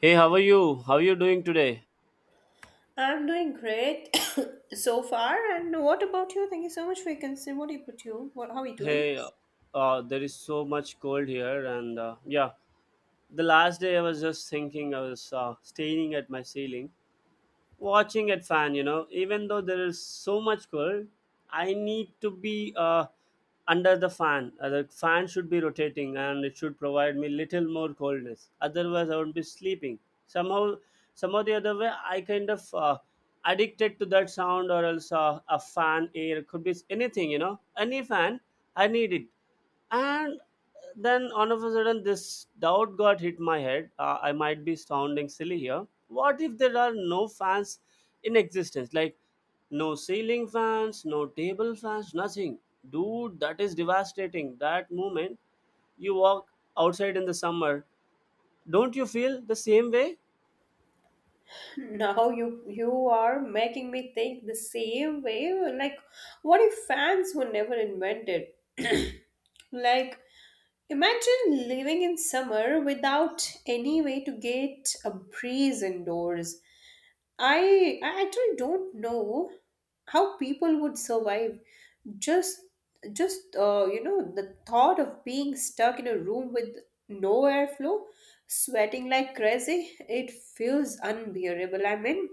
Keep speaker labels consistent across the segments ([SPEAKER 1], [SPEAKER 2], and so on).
[SPEAKER 1] Hey, how are you? How are you doing today?
[SPEAKER 2] I'm doing great so far. And what about you? Thank you so much for your concern. What about you? What How are you doing?
[SPEAKER 1] Hey, there is so much cold here, and yeah, the last day I was just thinking. I was staring at my ceiling, watching at fan, even though there is so much cold. I need to be under the fan. The fan should be rotating, and it should provide me little more coldness. Otherwise, I would be sleeping Somehow the other way, I kind of addicted to that sound, or else a fan air could be anything, any fan, I need it. And then all of a sudden this doubt got hit my head. I might be sounding silly here. What if there are no fans in existence, like no ceiling fans, no table fans, nothing? Dude, that is devastating. That moment, you walk outside in the summer. Don't you feel the same way?
[SPEAKER 2] Now you are making me think the same way. Like, what if fans were never invented? Like, imagine living in summer without any way to get a breeze indoors. I actually don't know how people would survive just just the thought of being stuck in a room with no airflow, sweating like crazy, it feels unbearable. I mean,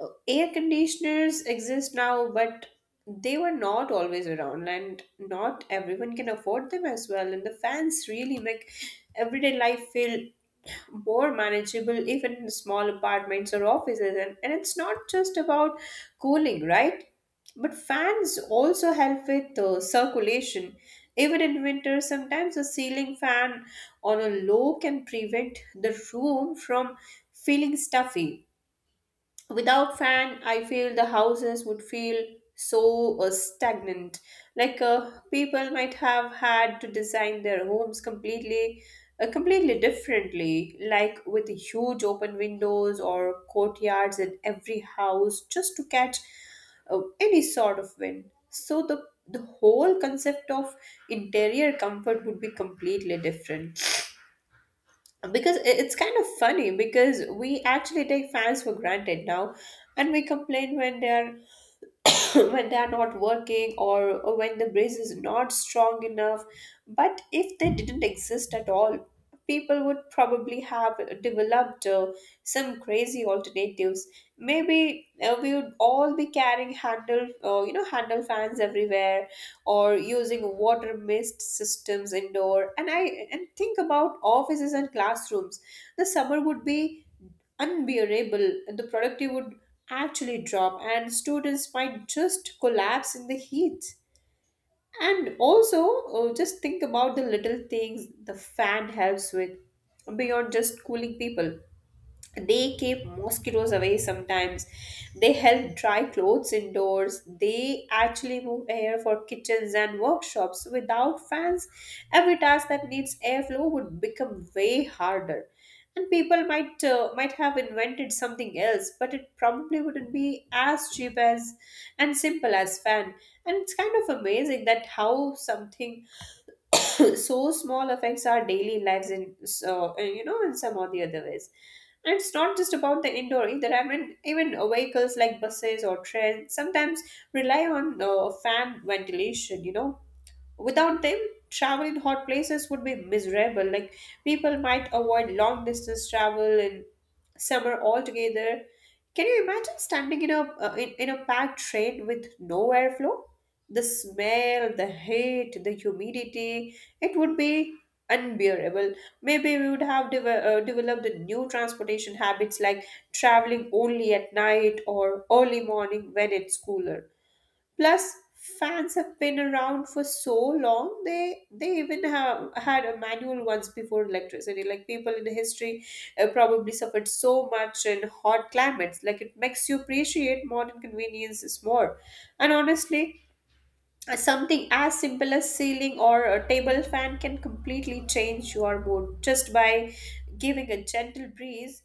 [SPEAKER 2] air conditioners exist now, but they were not always around, and not everyone can afford them as well. And the fans really make everyday life feel more manageable, even in small apartments or offices. And it's not just about cooling, right? But fans also help with the circulation. Even in winter, sometimes a ceiling fan on a low can prevent the room from feeling stuffy. Without fan, I feel the houses would feel so stagnant. Like, people might have had to design their homes completely differently, like with huge open windows or courtyards in every house just to catch any sort of wind. So the whole concept of interior comfort would be completely different, because it's kind of funny because we actually take fans for granted now, and we complain when they're when they're not working, or when the brace is not strong enough. But if they didn't exist at all, people would probably have developed some crazy alternatives. Maybe we would all be carrying handle you know handle fans everywhere, or using water mist systems indoor. And think about offices and classrooms. The summer would be unbearable, and the productivity would actually drop, and students might just collapse in the heat. And also, just think about the little things the fan helps with beyond just cooling people. They keep mosquitoes away sometimes, they help dry clothes indoors, they actually move air for kitchens and workshops. Without fans, every task that needs airflow would become way harder. And people might have invented something else, but it probably wouldn't be as cheap as and simple as fan. And it's kind of amazing that how something so small affects our daily lives in so in some or the other ways. And it's not just about the indoor either. I mean, even vehicles like buses or trains sometimes rely on fan ventilation, you know. Without them, travel in hot places would be miserable. Like, people might avoid long distance travel in summer altogether. Can you imagine standing in a packed train with no airflow? The smell, the heat, the humidity, it would be unbearable. Maybe we would have developed the new transportation habits, like traveling only at night or early morning when it's cooler. Plus, fans have been around for so long. They even have had a manual once before electricity. Like, people in history probably suffered so much in hot climates. Like, it makes you appreciate modern conveniences more. And honestly, something as simple as ceiling or a table fan can completely change your mood just by giving a gentle breeze.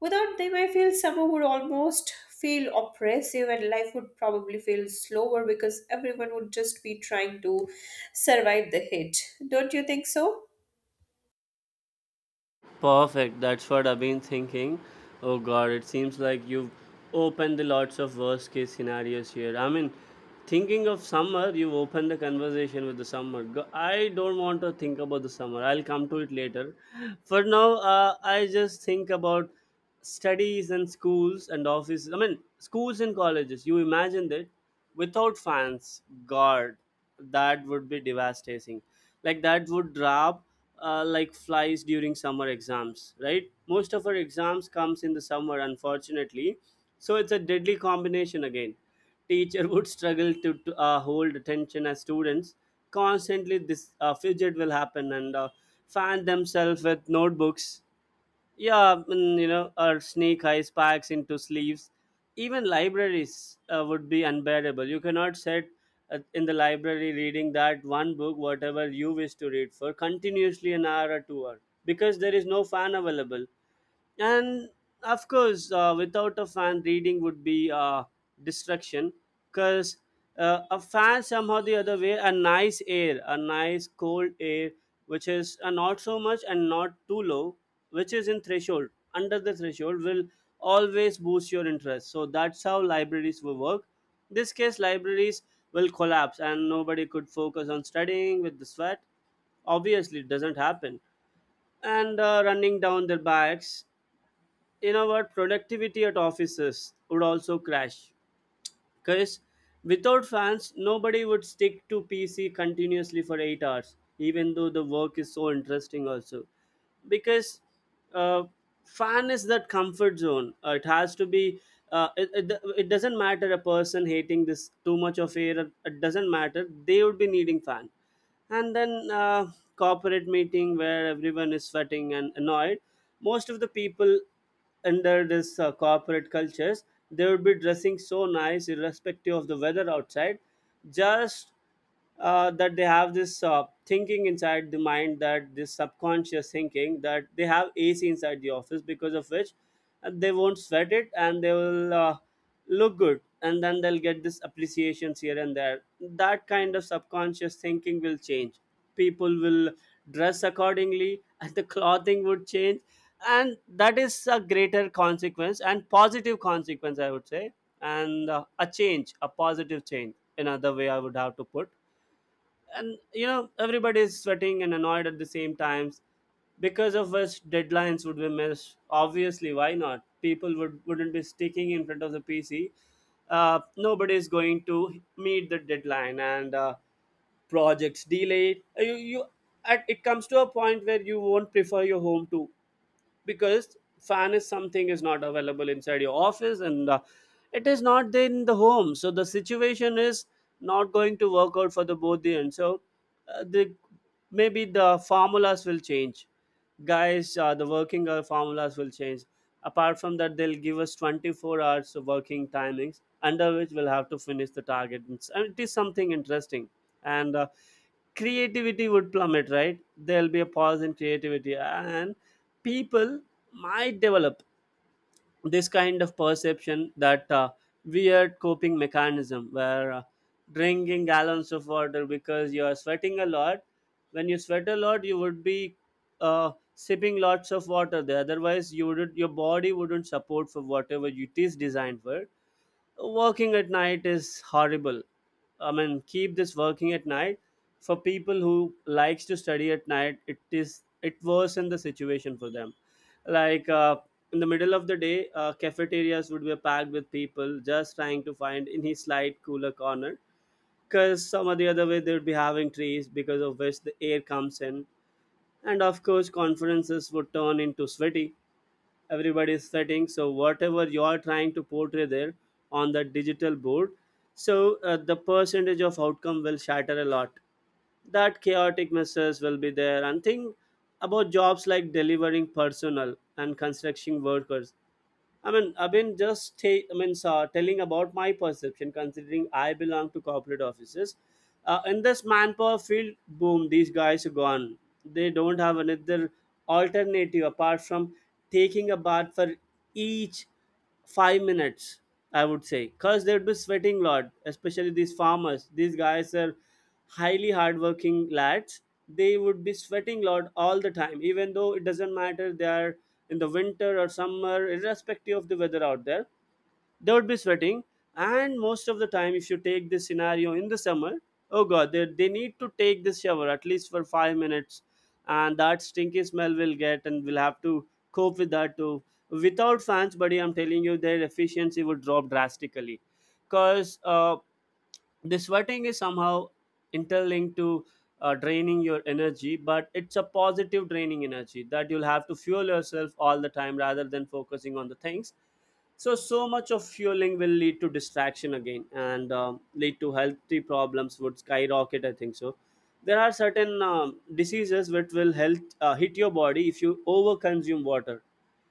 [SPEAKER 2] Without them, I feel summer would almost feel oppressive, and life would probably feel slower because everyone would just be trying to survive the heat. Don't you think so?
[SPEAKER 1] Perfect. That's what I've been thinking. Oh God, it seems like you've opened the lots of worst case scenarios here. I mean, thinking of summer, you've opened the conversation with the summer. I don't want to think about the summer. I'll come to it later. For now, I just think about studies and schools and offices. I mean, schools and colleges. You imagined it without fans. God, that would be devastating. Like that would drop, like flies during summer exams, right? Most of our exams comes in the summer, unfortunately. So it's a deadly combination again. Teacher would struggle to hold attention as students constantly this fidget will happen, and fan themselves with notebooks, yeah. Or snake eyes packs into sleeves. Even libraries would be unbearable. You cannot sit in the library reading that one book, whatever you wish to read for, continuously an hour or 2 hour, because there is no fan available. And of course, without a fan, reading would be distraction, because a fan, somehow the other way, a nice air, a nice cold air, which is not so much and not too low, which is in threshold, under the threshold, will always boost your interest. So that's how libraries will work. In this case, libraries will collapse and nobody could focus on studying with the sweat, obviously. It doesn't happen. And running down their backs. You know what, productivity at offices would also crash, because without fans, nobody would stick to pc continuously for 8 hours, even though the work is so interesting also. Because uh, fan is that comfort zone. It has to be. uh, it, it, it doesn't matter, a person hating this too much of air, it doesn't matter, they would be needing fan. And then, corporate meeting where everyone is sweating and annoyed. Most of the people under this corporate cultures, they would be dressing so nice irrespective of the weather outside, just that they have this thinking inside the mind, that this subconscious thinking that they have ac inside the office, because of which they won't sweat it, and they will look good, and then they'll get this appreciations here and there. That kind of subconscious thinking will change, people will dress accordingly, and the clothing would change. And that is a greater consequence and positive consequence, I would say. And a change, a positive change, another way, I would have to put. And you know, everybody is sweating and annoyed at the same times, because of which deadlines would be missed, obviously. Why not? People wouldn't be sticking in front of the pc. Nobody is going to meet the deadline, and projects delayed. You It comes to a point where you won't prefer your home too, because fan is something is not available inside your office, and it is not there in the home. So the situation is not going to work out for the both the end. So the maybe the formulas will change, guys. The working hour formulas will change. Apart from that, they'll give us 24 hours of working timings, under which we'll have to finish the target. And it is something interesting. And creativity would plummet, right? There'll be a pause in creativity, and people might develop this kind of perception that weird coping mechanism where drinking gallons of water, because you are sweating a lot. When you sweat a lot, you would be sipping lots of water there. Otherwise, your body wouldn't support for whatever it is designed for. Working at night is horrible. I mean, keep this working at night. For people who likes to study at night, it worsen the situation for them. Like, in the middle of the day, cafeterias would be packed with people just trying to find any slight cooler corner. Because some or the other way they would be having trees, because of which the air comes in, and of course conferences would turn into sweaty. Everybody is setting, so whatever you are trying to portray there on the digital board, so the percentage of outcome will shatter a lot. That chaotic messes will be there. And think about jobs like delivering personnel and construction workers. I mean, I've been just ta- I mean, telling about my perception, considering I belong to corporate offices. In this manpower field, boom, these guys are gone. They don't have another alternative apart from taking a bath for each 5 minutes, I would say, because they'd be sweating a lot, especially these farmers. These guys are highly hardworking lads. They would be sweating a lot all the time, even though it doesn't matter they are in the winter or summer. Irrespective of the weather out there, they would be sweating. And most of the time, if you take this scenario in the summer, oh god, they need to take this shower at least for 5 minutes, and that stinky smell will get, and we'll have to cope with that too. Without fans, buddy, I'm telling you, their efficiency would drop drastically, because the sweating is somehow interlinked to draining your energy. But it's a positive draining energy that you'll have to fuel yourself all the time rather than focusing on the things. So so much of fueling will lead to distraction again, and lead to healthy problems, would skyrocket, I think so. There are certain diseases which will health hit your body if you over consume water.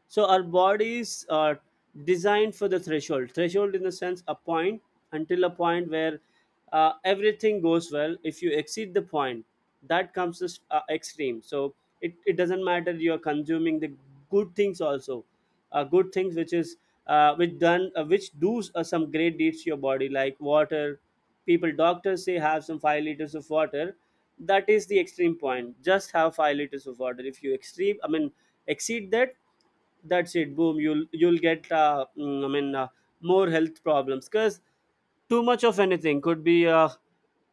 [SPEAKER 1] So our bodies are designed for the threshold. Threshold in the sense, a point, until a point where everything goes well. If you exceed the point, that comes as extreme. So it doesn't matter you are consuming the good things also, good things which is which done which do some great deeds to your body like water. People doctors say have some 5 liters of water. That is the extreme point. Just have 5 liters of water. If you extreme, I mean exceed that, that's it, boom. You'll get more health problems, because too much of anything could be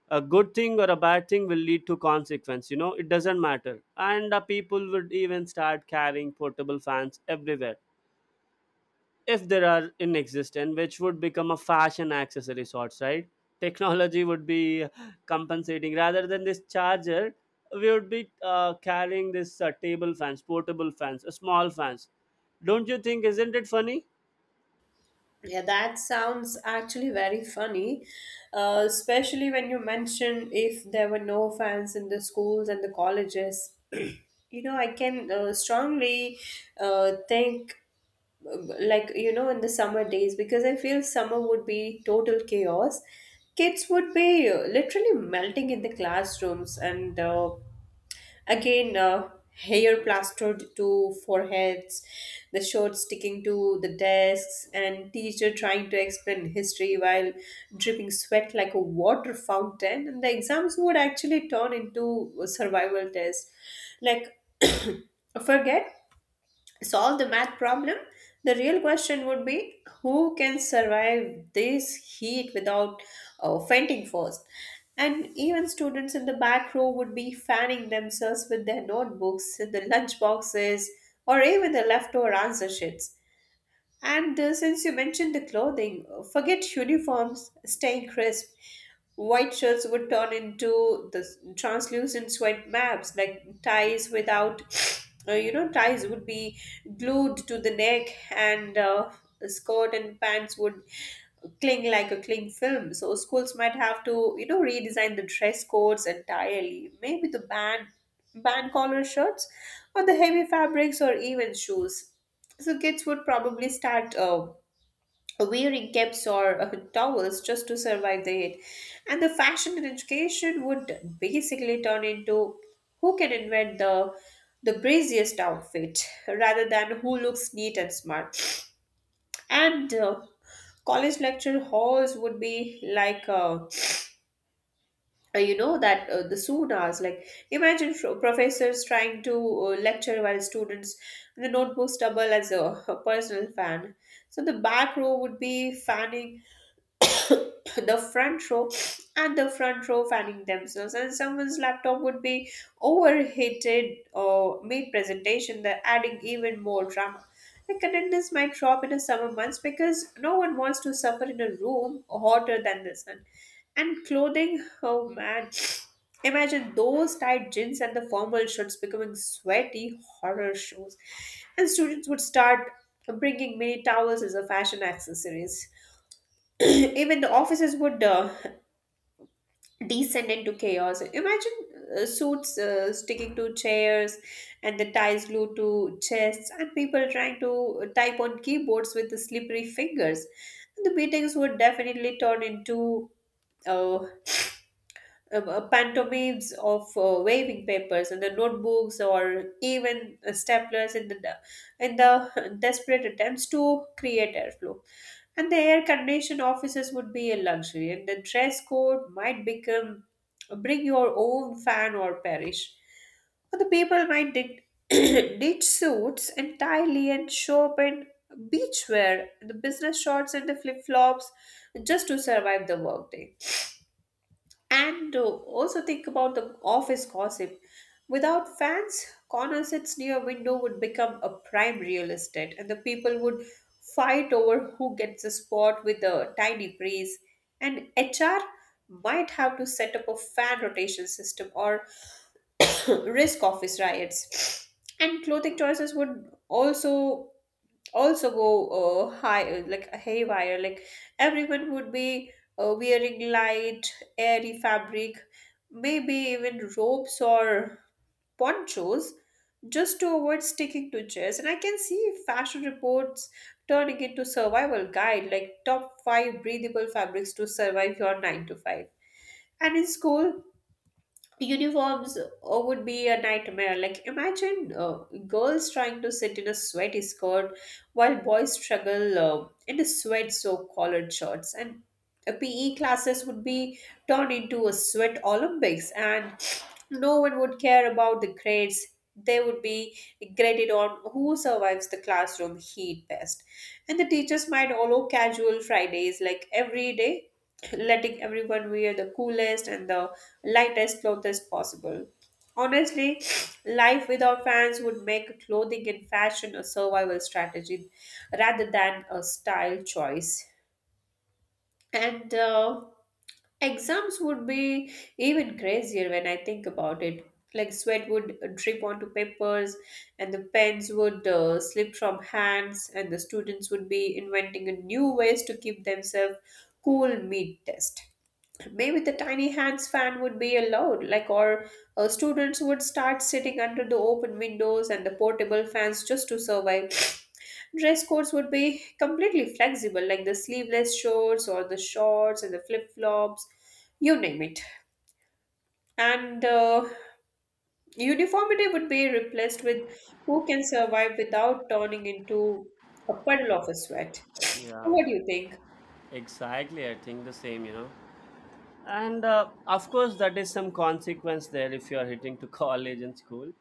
[SPEAKER 1] a good thing or a bad thing, will lead to consequence, you know, it doesn't matter. And people would even start carrying portable fans everywhere, if there are in existence, which would become a fashion accessory sorts, right? Technology would be compensating. Rather than this charger, we would be carrying this table fans, portable fans, small fans. Don't you think? Isn't it funny?
[SPEAKER 2] Yeah, that sounds actually very funny, especially when you mentioned if there were no fans in the schools and the colleges. You know, I can strongly think, like, you know, in the summer days, because I feel summer would be total chaos. Kids would be literally melting in the classrooms. And again, hair plastered to foreheads, the shorts sticking to the desks, and teacher trying to explain history while dripping sweat like a water fountain. And the exams would actually turn into a survival tests. Like, forget solve the math problem, the real question would be who can survive this heat without fainting first? And even students in the back row would be fanning themselves with their notebooks, the lunch boxes, or even the leftover answer sheets. And since you mentioned the clothing, forget uniforms staying crisp. White shirts would turn into the translucent sweat maps, like ties without, you know, ties would be glued to the neck, and a skirt and pants would cling like a cling film. So schools might have to, you know, redesign the dress codes entirely. Maybe the band collar shirts, or the heavy fabrics, or even shoes. So kids would probably start wearing caps or towels just to survive the heat. And the fashion and education would basically turn into who can invent the braziest outfit rather than who looks neat and smart. And college lecture halls would be like, you know that, the soon hours. Like, imagine professors trying to lecture while students the notebooks double as a personal fan. So the back row would be fanning the front row, and the front row fanning themselves, and someone's laptop would be overheated or made presentation, that adding even more drama. The attendance might drop in the summer months because no one wants to suffer in a room hotter than the sun. And clothing, oh man. Imagine those tight jeans and the formal shirts becoming sweaty horror shows. And students would start bringing mini towels as a fashion accessories. Even the offices would descend into chaos. Imagine suits sticking to chairs, and the ties glued to chests, and people trying to type on keyboards with the slippery fingers. The meetings would definitely turn into uh, pantomimes of waving papers and the notebooks, or even staplers in the desperate attempts to create airflow. And the air conditioned offices would be a luxury, and the dress code might become bring your own fan or perish, or the people might dit- ditch suits entirely and show up in beachwear, the business shorts and the flip-flops, just to survive the workday. And also think about the office gossip. Without fans, corner sits near window would become a prime real estate, and the people would fight over who gets the spot with a tiny breeze. And HR might have to set up a fan rotation system, or risk office riots. And clothing choices would also go high like haywire. Like, everyone would be wearing light airy fabric, maybe even ropes or ponchos just to avoid sticking to chairs. And I can see fashion reports turning into survival guide, like top 5 breathable fabrics to survive your 9 to 5. And in school uniforms, would be a nightmare. Like, imagine girls trying to sit in a sweaty skirt while boys struggle in a sweat soaked collared shirts. And pe classes would be turned into a sweat olympics, and no one would care about the grades. They would be graded on who survives the classroom heat best. And the teachers might allow casual Fridays, like every day, letting everyone wear the coolest and the lightest clothes as possible. Honestly, life without fans would make clothing and fashion a survival strategy rather than a style choice. And exams would be even crazier when I think about it. Like, sweat would drip onto papers, and the pens would slip from hands, and the students would be inventing new ways to keep themselves cool mid test. Maybe the tiny hands fan would be allowed, like, or students would start sitting under the open windows and the portable fans just to survive. Dress codes would be completely flexible, like the sleeveless shorts or the shorts and the flip flops, you name it. And uniformity would be replaced with who can survive without turning into a puddle of a sweat.
[SPEAKER 1] Yeah,
[SPEAKER 2] What do you think?
[SPEAKER 1] exactly. I think the same, you know. And of course, that is some consequence there if you are hitting to college and school.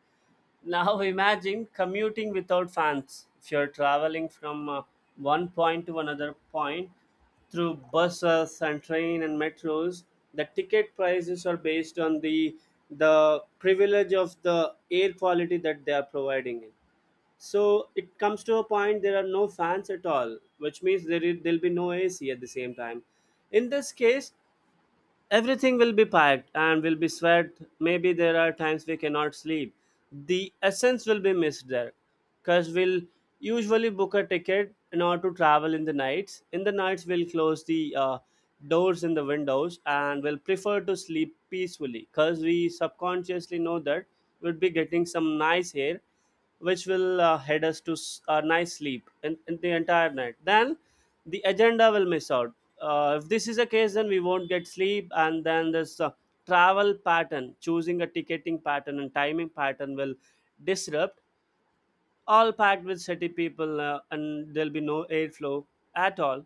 [SPEAKER 1] Now, imagine commuting without fans. If you're traveling from one point to another point through buses and train and metros, the ticket prices are based on the privilege of the air quality that they are providing. So it comes to a point there are no fans at all, which means there'll be no AC at the same time. In this case, everything will be packed and will be sweat. Maybe there are times we cannot sleep. The essence will be missed there, because we'll usually book a ticket in order to travel in the nights. In the nights, we'll close the doors in the windows, and will prefer to sleep peacefully, because we subconsciously know that we'll be getting some nice air, which will head us to a nice sleep in the entire night. Then the agenda will miss out. If this is the case, then we won't get sleep, and then this travel pattern, choosing a ticketing pattern and timing pattern will disrupt. All packed with city people, and there'll be no airflow at all.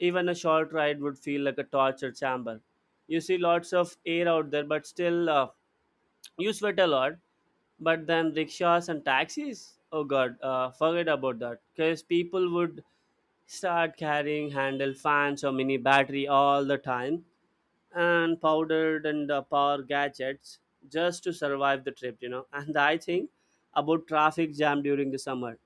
[SPEAKER 1] Even a short ride would feel like a torture chamber. You see lots of air out there, but still. You sweat a lot, but then rickshaws and taxis, oh god, forget about that, because people would start carrying handle fans or mini battery all the time and powdered and power gadgets just to survive the trip. And I think about traffic jam during the summer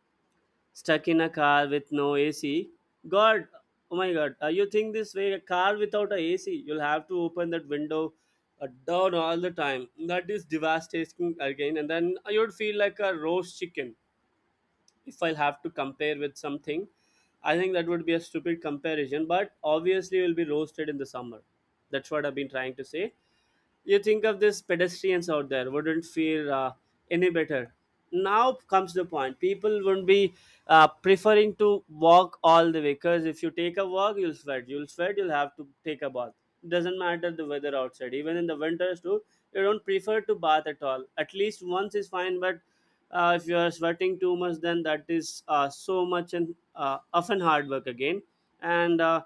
[SPEAKER 1] stuck in a car with no AC. God, oh my God, you think this way? A car without a AC, you'll have to open that window down all the time. That is devastating again, and then you'd feel like a roast chicken. If I'll have to compare with something, I think that would be a stupid comparison. But obviously, you'll be roasted in the summer. That's what I've been trying to say. You think of these pedestrians out there wouldn't feel any better. Now comes the point, people wouldn't be preferring to walk all the way, because if you take a walk, you'll sweat, you'll sweat, you'll have to take a bath. Doesn't matter the weather outside, even in the winters too, you don't prefer to bath at all. At least once is fine, but if you are sweating too much, then that is so much and often hard work again. And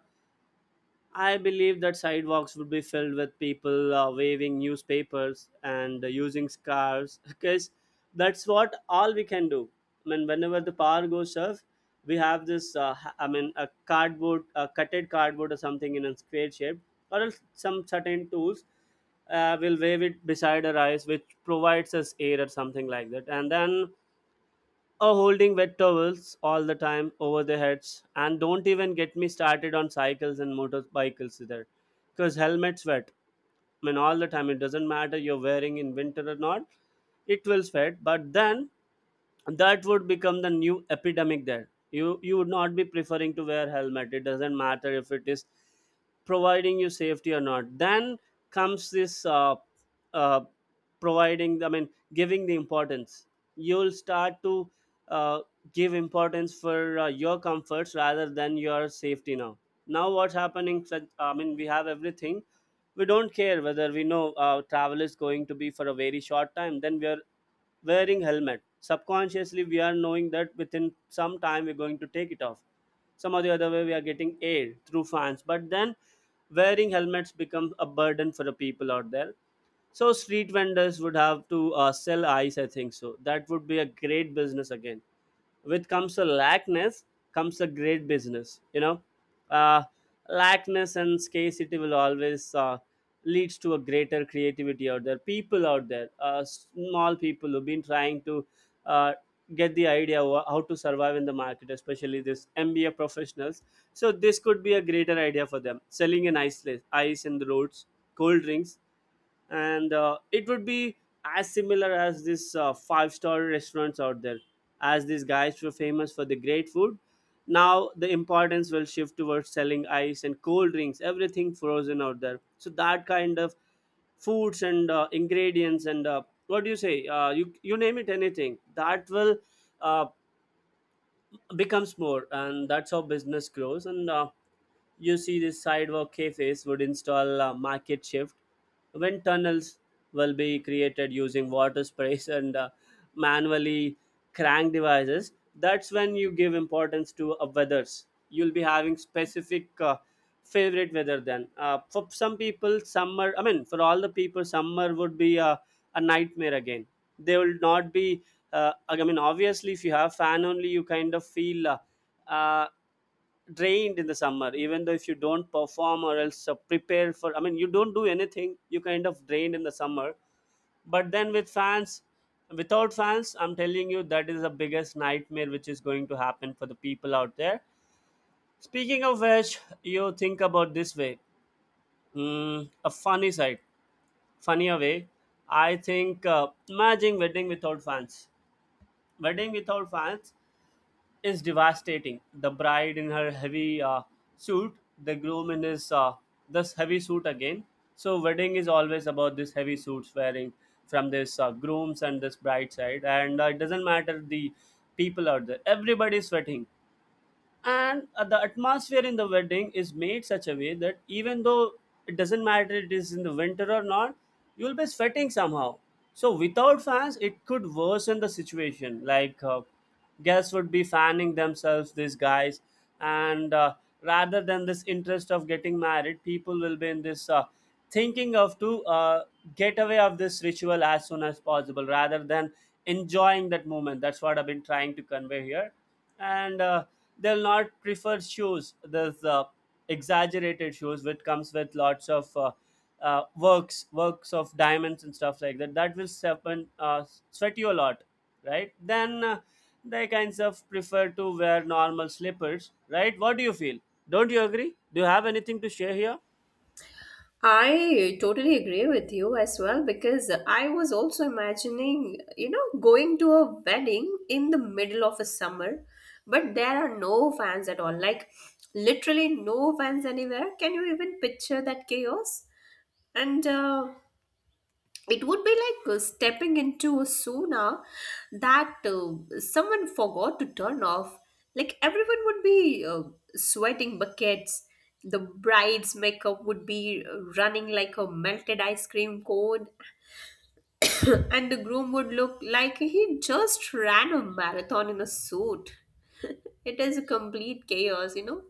[SPEAKER 1] I believe that sidewalks would be filled with people waving newspapers and using scarves, because that's what all we can do. I mean, whenever the power goes off, we have this. I mean, a cardboard, a cutted cardboard or something in a square shape, or else some certain tools. We'll wave it beside our eyes, which provides us air or something like that, and then or holding wet towels all the time over their heads. And don't even get me started on cycles and motorcycles either, because helmets wet. I mean, all the time, it doesn't matter you're wearing in winter or not, it will sweat. But then that would become the new epidemic there. You would not be preferring to wear helmet. It doesn't matter if it is providing you safety or not. Then comes this uh, providing, I mean, giving the importance. You'll start to uh, give importance for your comforts rather than your safety. Now what's happening, I mean, we have everything. We don't care. Whether we know travel is going to be for a very short time, then we are wearing helmet. Subconsciously, we are knowing that within some time we're going to take it off. Some or the other way, we are getting air through fans. But then wearing helmets becomes a burden for the people out there. So street vendors would have to sell ice, I think. So that would be a great business again. With comes a lackness, comes a great business, you know. uh, Lackness and scarcity will always leads to a greater creativity out there. People out there, small people who've been trying to uh, get the idea how to survive in the market, especially this MBA professionals. So this could be a greater idea for them, selling an ice, ice in the roads, cold drinks. And It would be as similar as this five-star restaurants out there. As these guys were famous for the great food, now the importance will shift towards selling ice and cold drinks, everything frozen out there. So that kind of foods and ingredients and what do you say, you name it, anything that will uh, becomes more, and that's how business grows. And you see, these sidewalk cafes would install a market shift when tunnels will be created using water sprays and manually crank devices. That's when you give importance to weathers. You'll be having specific favorite weather. Then For some people summer, I mean for all the people, summer would be a nightmare again. They will not be I mean, obviously, if you have fan only, you kind of feel uh, drained in the summer. Even though if you don't perform or else prepare for, I mean, you don't do anything, you kind of drained in the summer. But then with fans, without fans, I'm telling you, that is the biggest nightmare which is going to happen for the people out there. Speaking of which, you think about this way, a funny side, funnier way. I think, imagine wedding without fans. Wedding without fans is devastating. The bride in her heavy suit, the groom in his this heavy suit again. So wedding is always about this heavy suits wearing from this groom's and this bride side, and it doesn't matter the people out there. Everybody is sweating, and the atmosphere in the wedding is made such a way that even though it doesn't matter it is in the winter or not, you'll be sweating somehow. So without fans, it could worsen the situation like, guests would be fanning themselves, these guys. And rather than this interest of getting married, people will be in this thinking of to get away of this ritual as soon as possible rather than enjoying that moment. That's what I've been trying to convey here. And they'll not prefer shoes, this exaggerated shoes which comes with lots of works of diamonds and stuff like that. That will happen, sweat you a lot, right? then They kinds of prefer to wear normal slippers, right? What do you feel? Don't you agree? Do you have anything to share here?
[SPEAKER 2] I totally agree with you as well, because I was also imagining, you know, going to a wedding in the middle of a summer, but there are no fans at all. Like, literally, no fans anywhere. Can you even picture that chaos? And it would be like stepping into a sauna that someone forgot to turn off. Like, everyone would be sweating buckets, the bride's makeup would be running like a melted ice cream cone, and the groom would look like he just ran a marathon in a suit. It is a complete chaos, you know.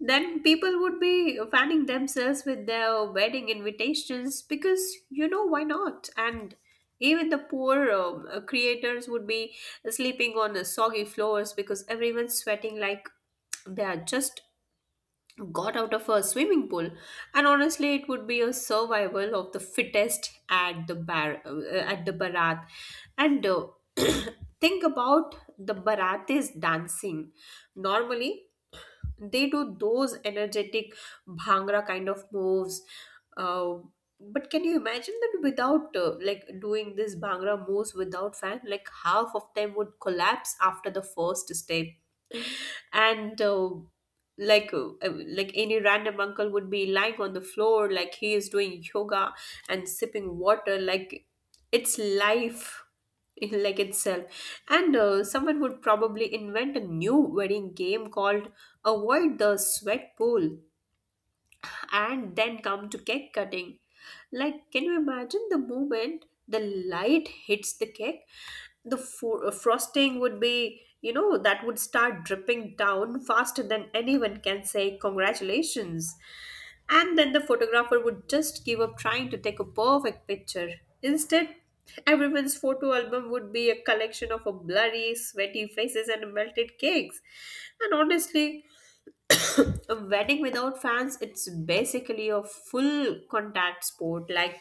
[SPEAKER 2] Then people would be fanning themselves with their wedding invitations, because you know why not? And even the poor creators would be sleeping on the soggy floors because everyone's sweating like they are just got out of a swimming pool. And honestly, it would be a survival of the fittest at the bar, at the barat. And think about the barates dancing normally. They do those energetic bhangra kind of moves, uh, but can you imagine that without, like doing this bhangra moves without fan? Like half of them would collapse after the first step. And Like any random uncle would be lying on the floor like he is doing yoga and sipping water like it's life in like itself. And someone would probably invent a new wedding game called avoid the sweat pool. And then come to cake cutting. Like, can you imagine the moment the light hits the cake? The frosting would be, that would start dripping down faster than anyone can say congratulations. And then the photographer would just give up trying to take a perfect picture. Instead, everyone's photo album would be a collection of a blurry, sweaty faces and melted cakes. And honestly, a wedding without fans, it's basically a full contact sport. Like,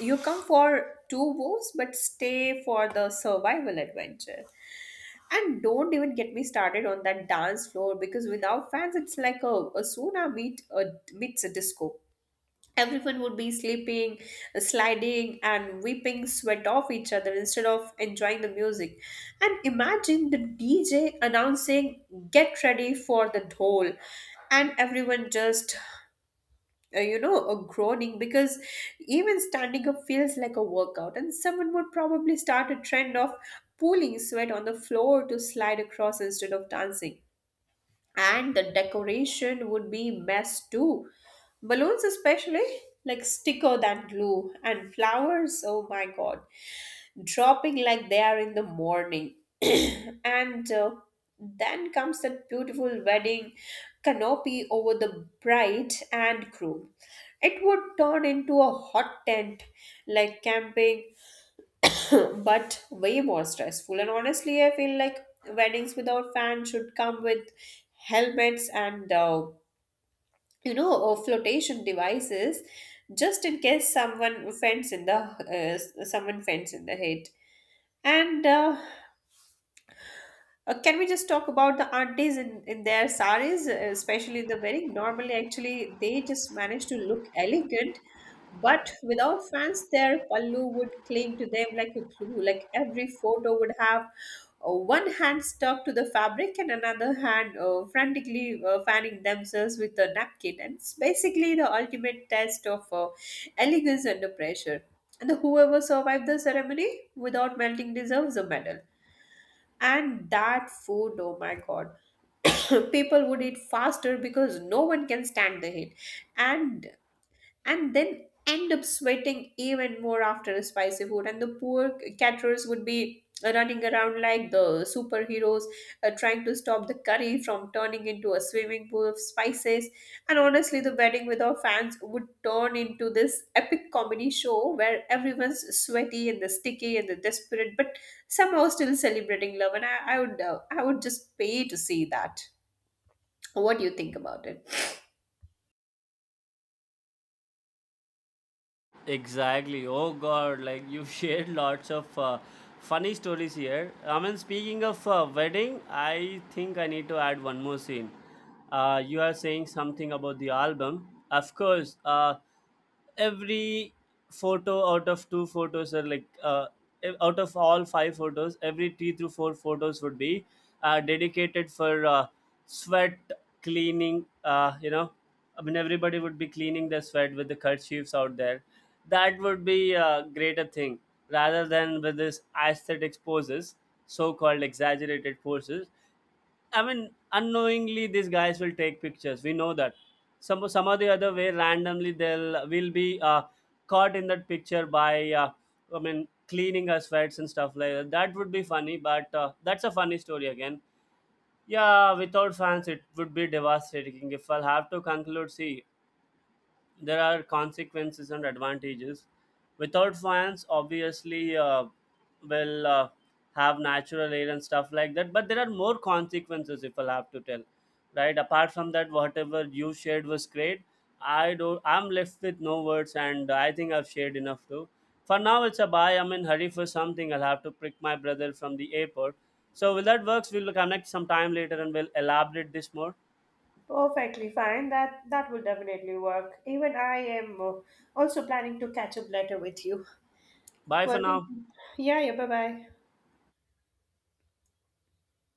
[SPEAKER 2] you come for two woes but stay for the survival adventure. And don't even get me started on that dance floor, because without fans it's like a sauna meets a disco. Everyone would be sleeping, sliding, and weeping sweat off each other instead of enjoying the music. And imagine the DJ announcing, get ready for the dhol. And everyone just, groaning because even standing up feels like a workout. And someone would probably start a trend of pooling sweat on the floor to slide across instead of dancing. And the decoration would be mess too. Balloons especially, like sticker than glue. And flowers, oh my god, dropping like they are in the morning. And then comes that beautiful wedding canopy over the bride and groom. It would turn into a hot tent, like camping, but way more stressful. And honestly, I feel like weddings without fans should come with helmets and flotation devices, just in case someone fends in the head. And Can we just talk about the aunties in their saris, especially the wedding? Normally, actually, they just manage to look elegant, but without fans, their pallu would cling to them like a glue. Like every photo would have one hand stuck to the fabric and another hand frantically fanning themselves with a napkin. And it's basically the ultimate test of elegance under pressure. And whoever survived the ceremony without melting deserves a medal. And that food, oh my god, people would eat faster because no one can stand the heat. And and then end up sweating even more after a spicy food. And the poor caterers would be running around like the superheroes, trying to stop the curry from turning into a swimming pool of spices. And honestly, the wedding with our fans would turn into this epic comedy show where everyone's sweaty and the sticky and the desperate, but somehow still celebrating love. And I would just pay to see that. What do you think about it?
[SPEAKER 1] Exactly. Oh God, like you've shared lots of funny stories here. I mean, speaking of wedding, I think I need to add one more scene. You are saying something about the album. Of course, every photo out of two photos, or like out of all five photos, every three through four photos would be dedicated for sweat cleaning, you know, I mean, everybody would be cleaning their sweat with the kerchiefs out there. That would be a greater thing rather than with this aesthetic poses, so-called exaggerated poses. I mean, unknowingly, these guys will take pictures. We know that. Some or the other way, randomly, they'll will be caught in that picture by, I mean, cleaning our sweats and stuff like that. That would be funny, but that's a funny story again. Yeah, without fans, it would be devastating. If I'll have to conclude, see, there are consequences and advantages. Without fans, obviously, will have natural air and stuff like that. But there are more consequences, if I'll have to tell, right? Apart from that, whatever you shared was great. I don't. I'm left with no words, and I think I've shared enough too. For now, it's a bye. I'm in hurry for something. I'll have to pick my brother from the airport. So, will that works? We'll connect sometime later and we'll elaborate this more.
[SPEAKER 2] Perfectly fine. That will definitely work. Even I am also planning to catch up later with you.
[SPEAKER 1] Bye for
[SPEAKER 2] Well,
[SPEAKER 1] now.
[SPEAKER 2] yeah, yeah. Bye bye.